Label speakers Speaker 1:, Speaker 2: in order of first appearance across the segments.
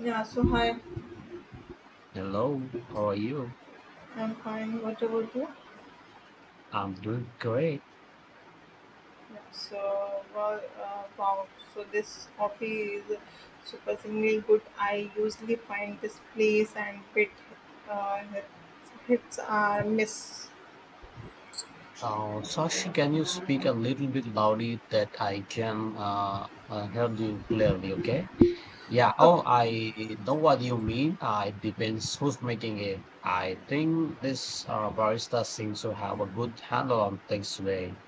Speaker 1: Yeah, so hi,
Speaker 2: Hello, how are you?
Speaker 1: I'm fine. What about you?
Speaker 2: I'm doing great.
Speaker 1: Yeah, So, well, uh, wow, so this coffee is surprisingly good. I usually find this place and bit uh, hits are miss.
Speaker 2: Sashi, can you speak a little bit loudly that I can help you clearly, okay? Yeah, oh,
Speaker 1: Okay,
Speaker 2: I know what you mean. It depends who's making it. I think this barista seems to have a good handle on things today.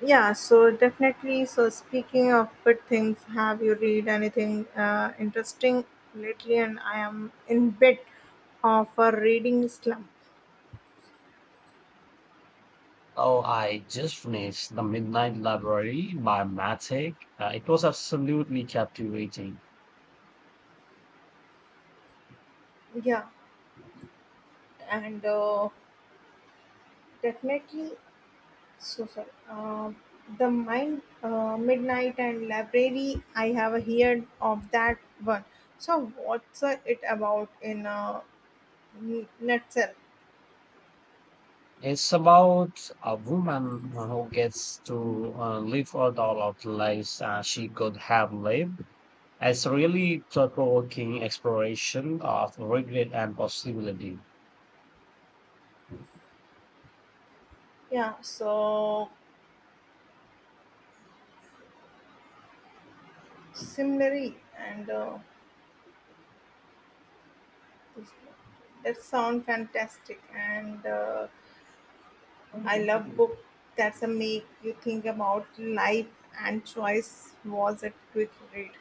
Speaker 1: yeah, so definitely. So, speaking of good things, have you read anything interesting lately? And I am in bit of a reading slump.
Speaker 2: Oh, I just finished The Midnight Library by Matic. It was absolutely captivating.
Speaker 1: Yeah, and definitely. So sorry. The mine, midnight and library. I have heard of that one. So what's it about in a nutshell?
Speaker 2: It's about a woman who gets to live out all of the lives she could have lived. It's really thought-provoking exploration of regret and possibility.
Speaker 1: Yeah. So similarly, and this- that sound fantastic. And I love
Speaker 2: It
Speaker 1: book that's a make you think about life and choice. Was it quick read?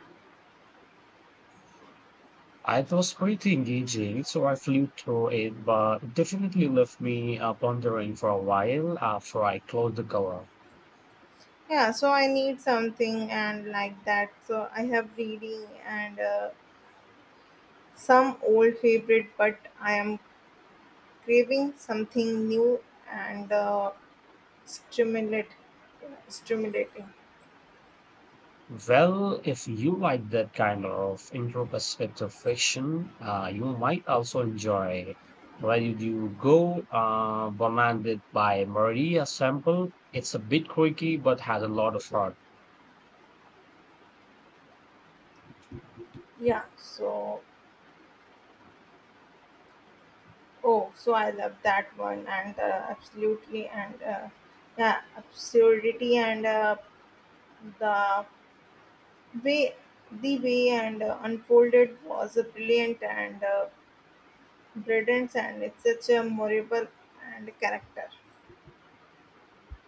Speaker 2: was pretty engaging, so I flew through it, but it definitely left me pondering for a while after I closed the cover.
Speaker 1: Yeah, so I need something and like that so I have reading and some old favorite, but I am craving something new and stimulate, stimulating.
Speaker 2: Well, if you like that kind of introspective fiction, you might also enjoy Where Did You Go, commanded by Maria Sample. It's a bit quirky, but has a lot of heart,
Speaker 1: Yeah. So, oh, so I love that one and absolutely and yeah, absurdity and the way the way and unfolded was a brilliant and brilliant and it's such a memorable and character.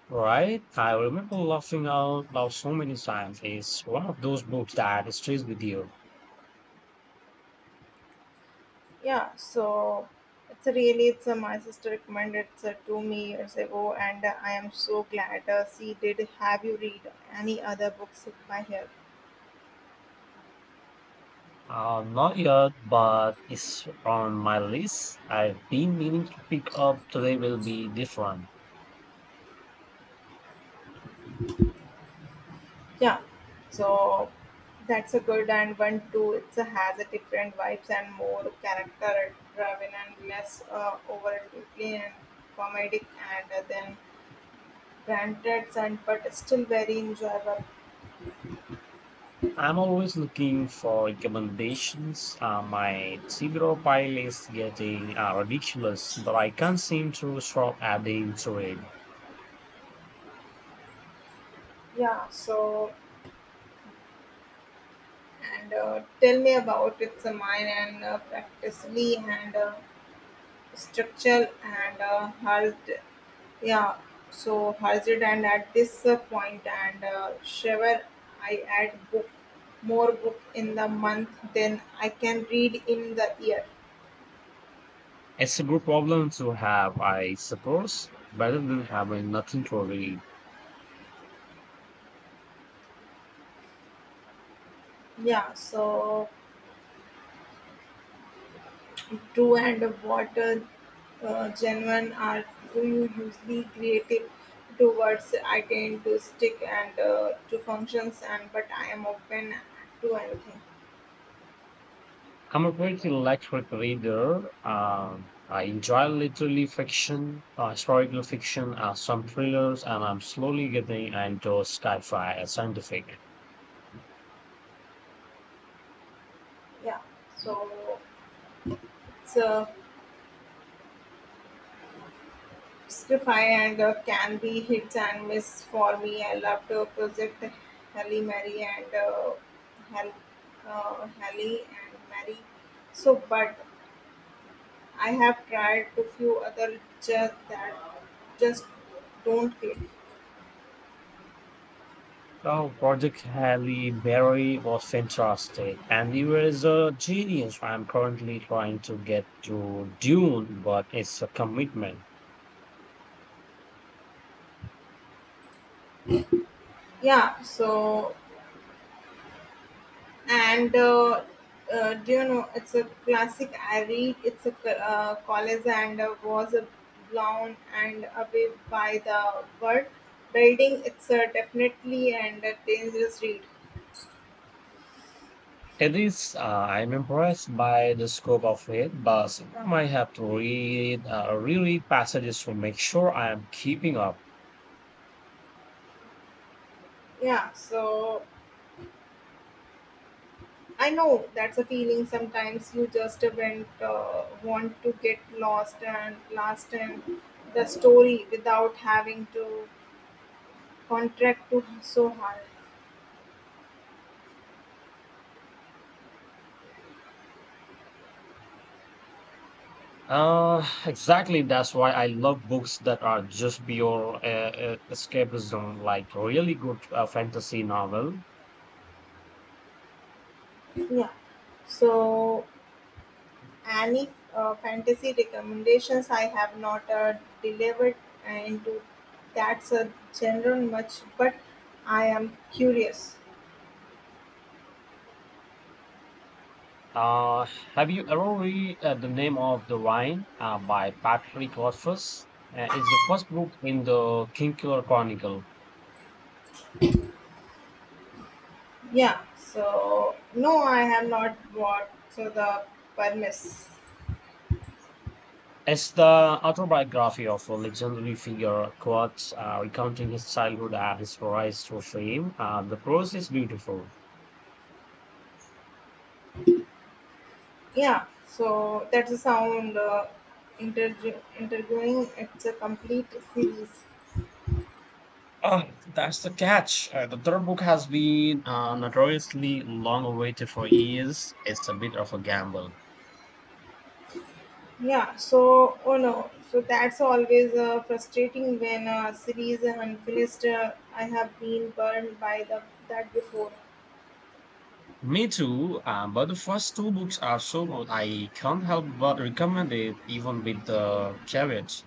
Speaker 2: right? I remember laughing out loud so many times. It's one of those books that stays with you.
Speaker 1: Yeah, so it's a really it's a my sister recommended it to me years ago, and I am so glad she did. Have you read any other books by her?
Speaker 2: Not yet, but it's on my list. I've been meaning to pick up. Today will be different.
Speaker 1: Yeah, so that's a good and one too. It has a different vibes and more character driven and less over and comedic and then granted and but still very enjoyable.
Speaker 2: I'm always looking for recommendations. My Tibro pile is getting ridiculous, but I can't seem to stop adding to it.
Speaker 1: Yeah, so And tell me about its mine and practically and structural and hard, yeah. So hazard and at this point and Shiver, I add book more book in the month than I can read in the year.
Speaker 2: It's a good problem to have, I suppose, better than having nothing to read.
Speaker 1: Yeah. So do and what genuine are do you usually creative towards? I tend to stick and to functions and but I am open to anything.
Speaker 2: I'm a pretty electric reader. I enjoy literary fiction, historical fiction, some thrillers, and I'm slowly getting into sci fi and scientific.
Speaker 1: Yeah, so it's a scriptify and can be hits and miss for me. I love to project Halle Mary and Hal, Halle and Mary. So, but I have tried to few other just that just don't hit.
Speaker 2: Oh, Project Halle Berry was fantastic, and he was a genius. I'm currently trying to get to Dune, but it's a commitment.
Speaker 1: Yeah, so and do you know it's a classic I read it's a college and was a blown and away by the word building, it's a definitely and a dangerous read.
Speaker 2: It is. I'm impressed by the scope of it, but sometimes I have to read, reread passages to make sure I am keeping up.
Speaker 1: Yeah, so I know that's a feeling, sometimes you just went want to get lost and lost in the story without having to contract to so hard.
Speaker 2: Uh, exactly. That's why I love books that are just pure escapism, like really good fantasy novel.
Speaker 1: Yeah, so any fantasy recommendations? I have not delivered into that's a general much, but I am curious.
Speaker 2: Uh, have you ever read The Name of the Rhine by Patrick Rothfuss? It's the first book in the Kingkiller Chronicle.
Speaker 1: Yeah, so no, I have not bought so the premise.
Speaker 2: It's the autobiography of a legendary figure, Quartz, recounting his childhood and his rise to fame. The prose is beautiful.
Speaker 1: Yeah, so that's a sound interviewing. It's a complete series.
Speaker 2: Ah, that's the catch. The third book has been notoriously long awaited for years. It's a bit of a gamble.
Speaker 1: Yeah, so oh no, so that's always frustrating when a series is unfinished. I have been burned by the that before.
Speaker 2: Me too, but the first two books are so good. I can't help but recommend it, even with the caveats.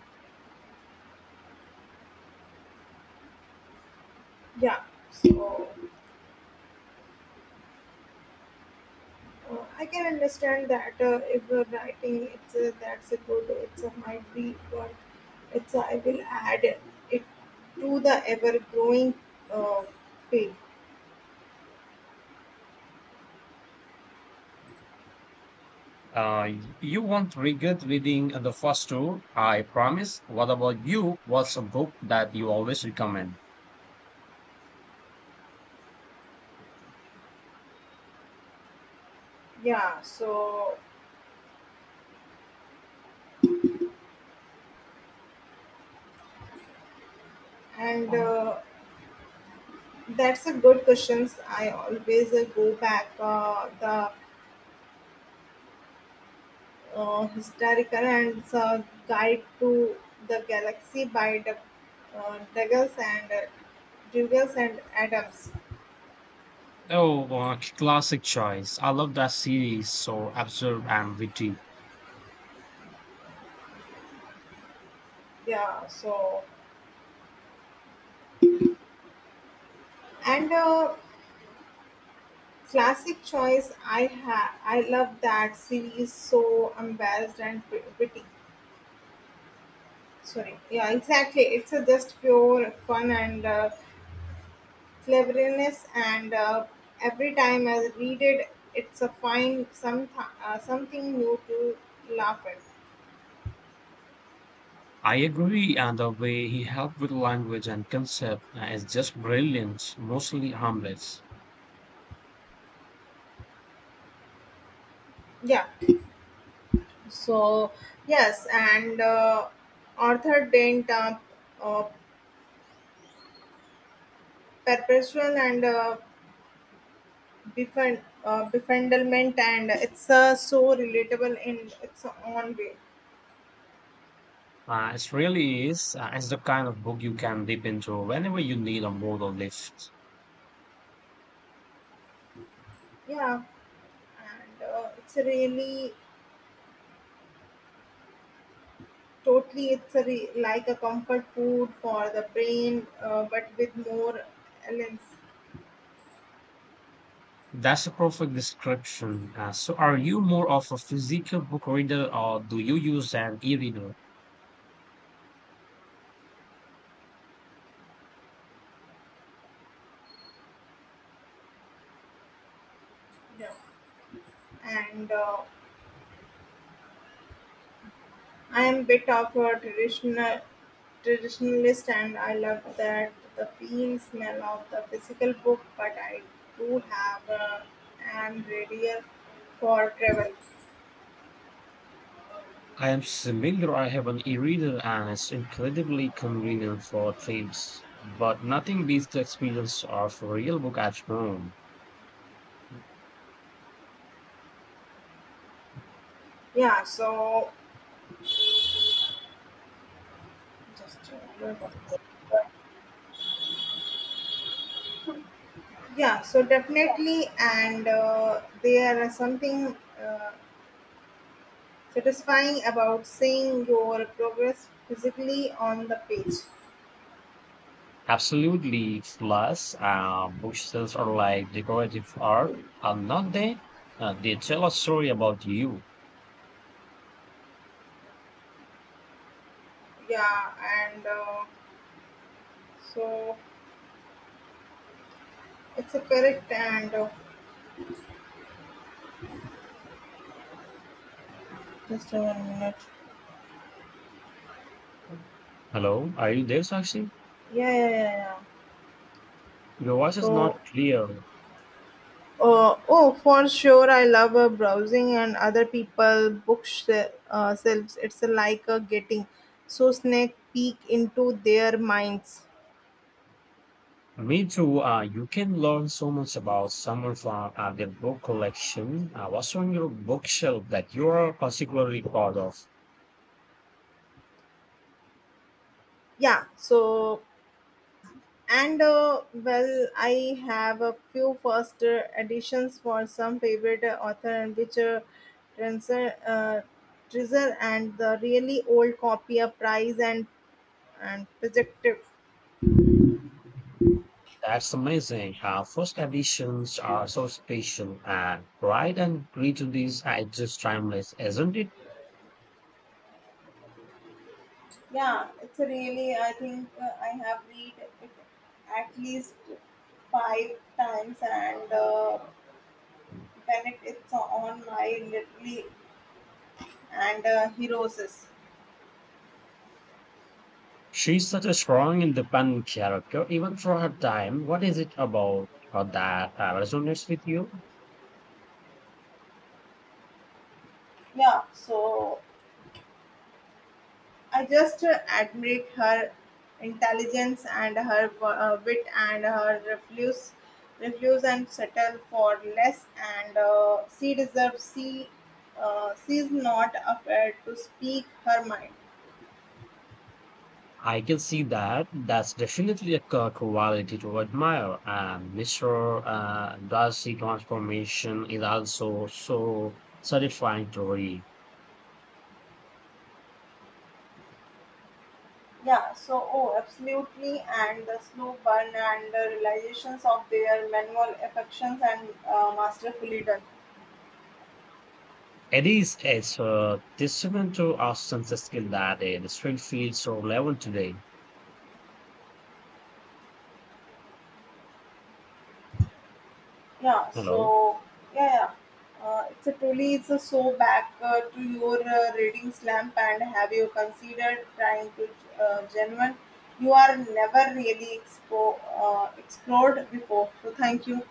Speaker 1: Yeah, so I can understand that if you're writing, it's that's a good. It's a might be work. It's I will add it to the ever growing uh, pig.
Speaker 2: Uh, you won't regret reading the first two, I promise. What about you? What's a book that you always recommend?
Speaker 1: Yeah, so and that's a good questions. I always go back the historical and it's guide to the galaxy by the uh, Douglas and uh, Douglas and Adams.
Speaker 2: Oh, classic choice. I love that series, so absurd and witty.
Speaker 1: Yeah, so and classic choice. I have I love that series. So embarrassed and witty. Sorry. Yeah, exactly. It's a just pure fun and cleverness and. Every time I read it, it's a find some something new to laugh at.
Speaker 2: I agree, and the way he helped with language and concept is just brilliant, mostly harmless.
Speaker 1: Yeah. So yes, and Arthur Dent, uh, perpetual and befriendment, and it's so relatable in its own way.
Speaker 2: It really is. It's the kind of book you can dip into whenever you need a moral lift.
Speaker 1: Yeah, and it's really totally it's a like a comfort food for the brain, but with more elements.
Speaker 2: That's a perfect description. So, are you more of a physical book reader or do you use an e reader?
Speaker 1: Yeah, and I am a bit of a traditionalist and I love that the feel smell of the physical book, but I do have a an radial for travel.
Speaker 2: I am similar. I have an e reader and it's incredibly convenient for trips, but nothing beats the experience of a real book at home.
Speaker 1: Yeah, so just uh, yeah, so definitely, and there is something satisfying about seeing your progress physically on the page.
Speaker 2: Absolutely. Plus, bookshelves are like decorative art, are not they? They tell a story about you.
Speaker 1: Yeah, and so it's a correct and. Just a minute.
Speaker 2: Hello, are you there, Sakshi?
Speaker 1: Yeah, yeah, yeah, yeah.
Speaker 2: Your voice is not
Speaker 1: So,
Speaker 2: clear.
Speaker 1: oh, for sure, I love browsing and other people books selves. It's like getting so snake peek into their minds.
Speaker 2: Me too. You can learn so much about someone from their book collection. What's on your bookshelf that you're particularly proud of?
Speaker 1: Yeah. So, and well, I have a few first editions for some favorite author and which treasure, uh, treasure and the really old copy of price and projective.
Speaker 2: That's amazing. First editions are so special, and Pride and Prejudice are just timeless, isn't it?
Speaker 1: Yeah, it's a really, I think I have read it at least 5 times, and when it's on my literally and heroes.
Speaker 2: She's such a strong, independent character, even for her time. What is it about her that resonates with you?
Speaker 1: Yeah, so I just admire her intelligence and her wit and her refuse and settle for less, and she's not afraid to speak her mind.
Speaker 2: I can see that. That's definitely a quality to admire. And Mr. Darcy transformation is also so satisfying to read.
Speaker 1: Yeah, so oh, absolutely, and the slow burn and the realizations of their manual affections and masterfully done.
Speaker 2: It is, it's a so testament to Austin's skill that it still feels so relevant today.
Speaker 1: Yeah,
Speaker 2: Hello.
Speaker 1: so yeah, yeah. It's a truly it's a so back to your reading slump, and have you considered trying to genuine? You are never really explored before. So thank you.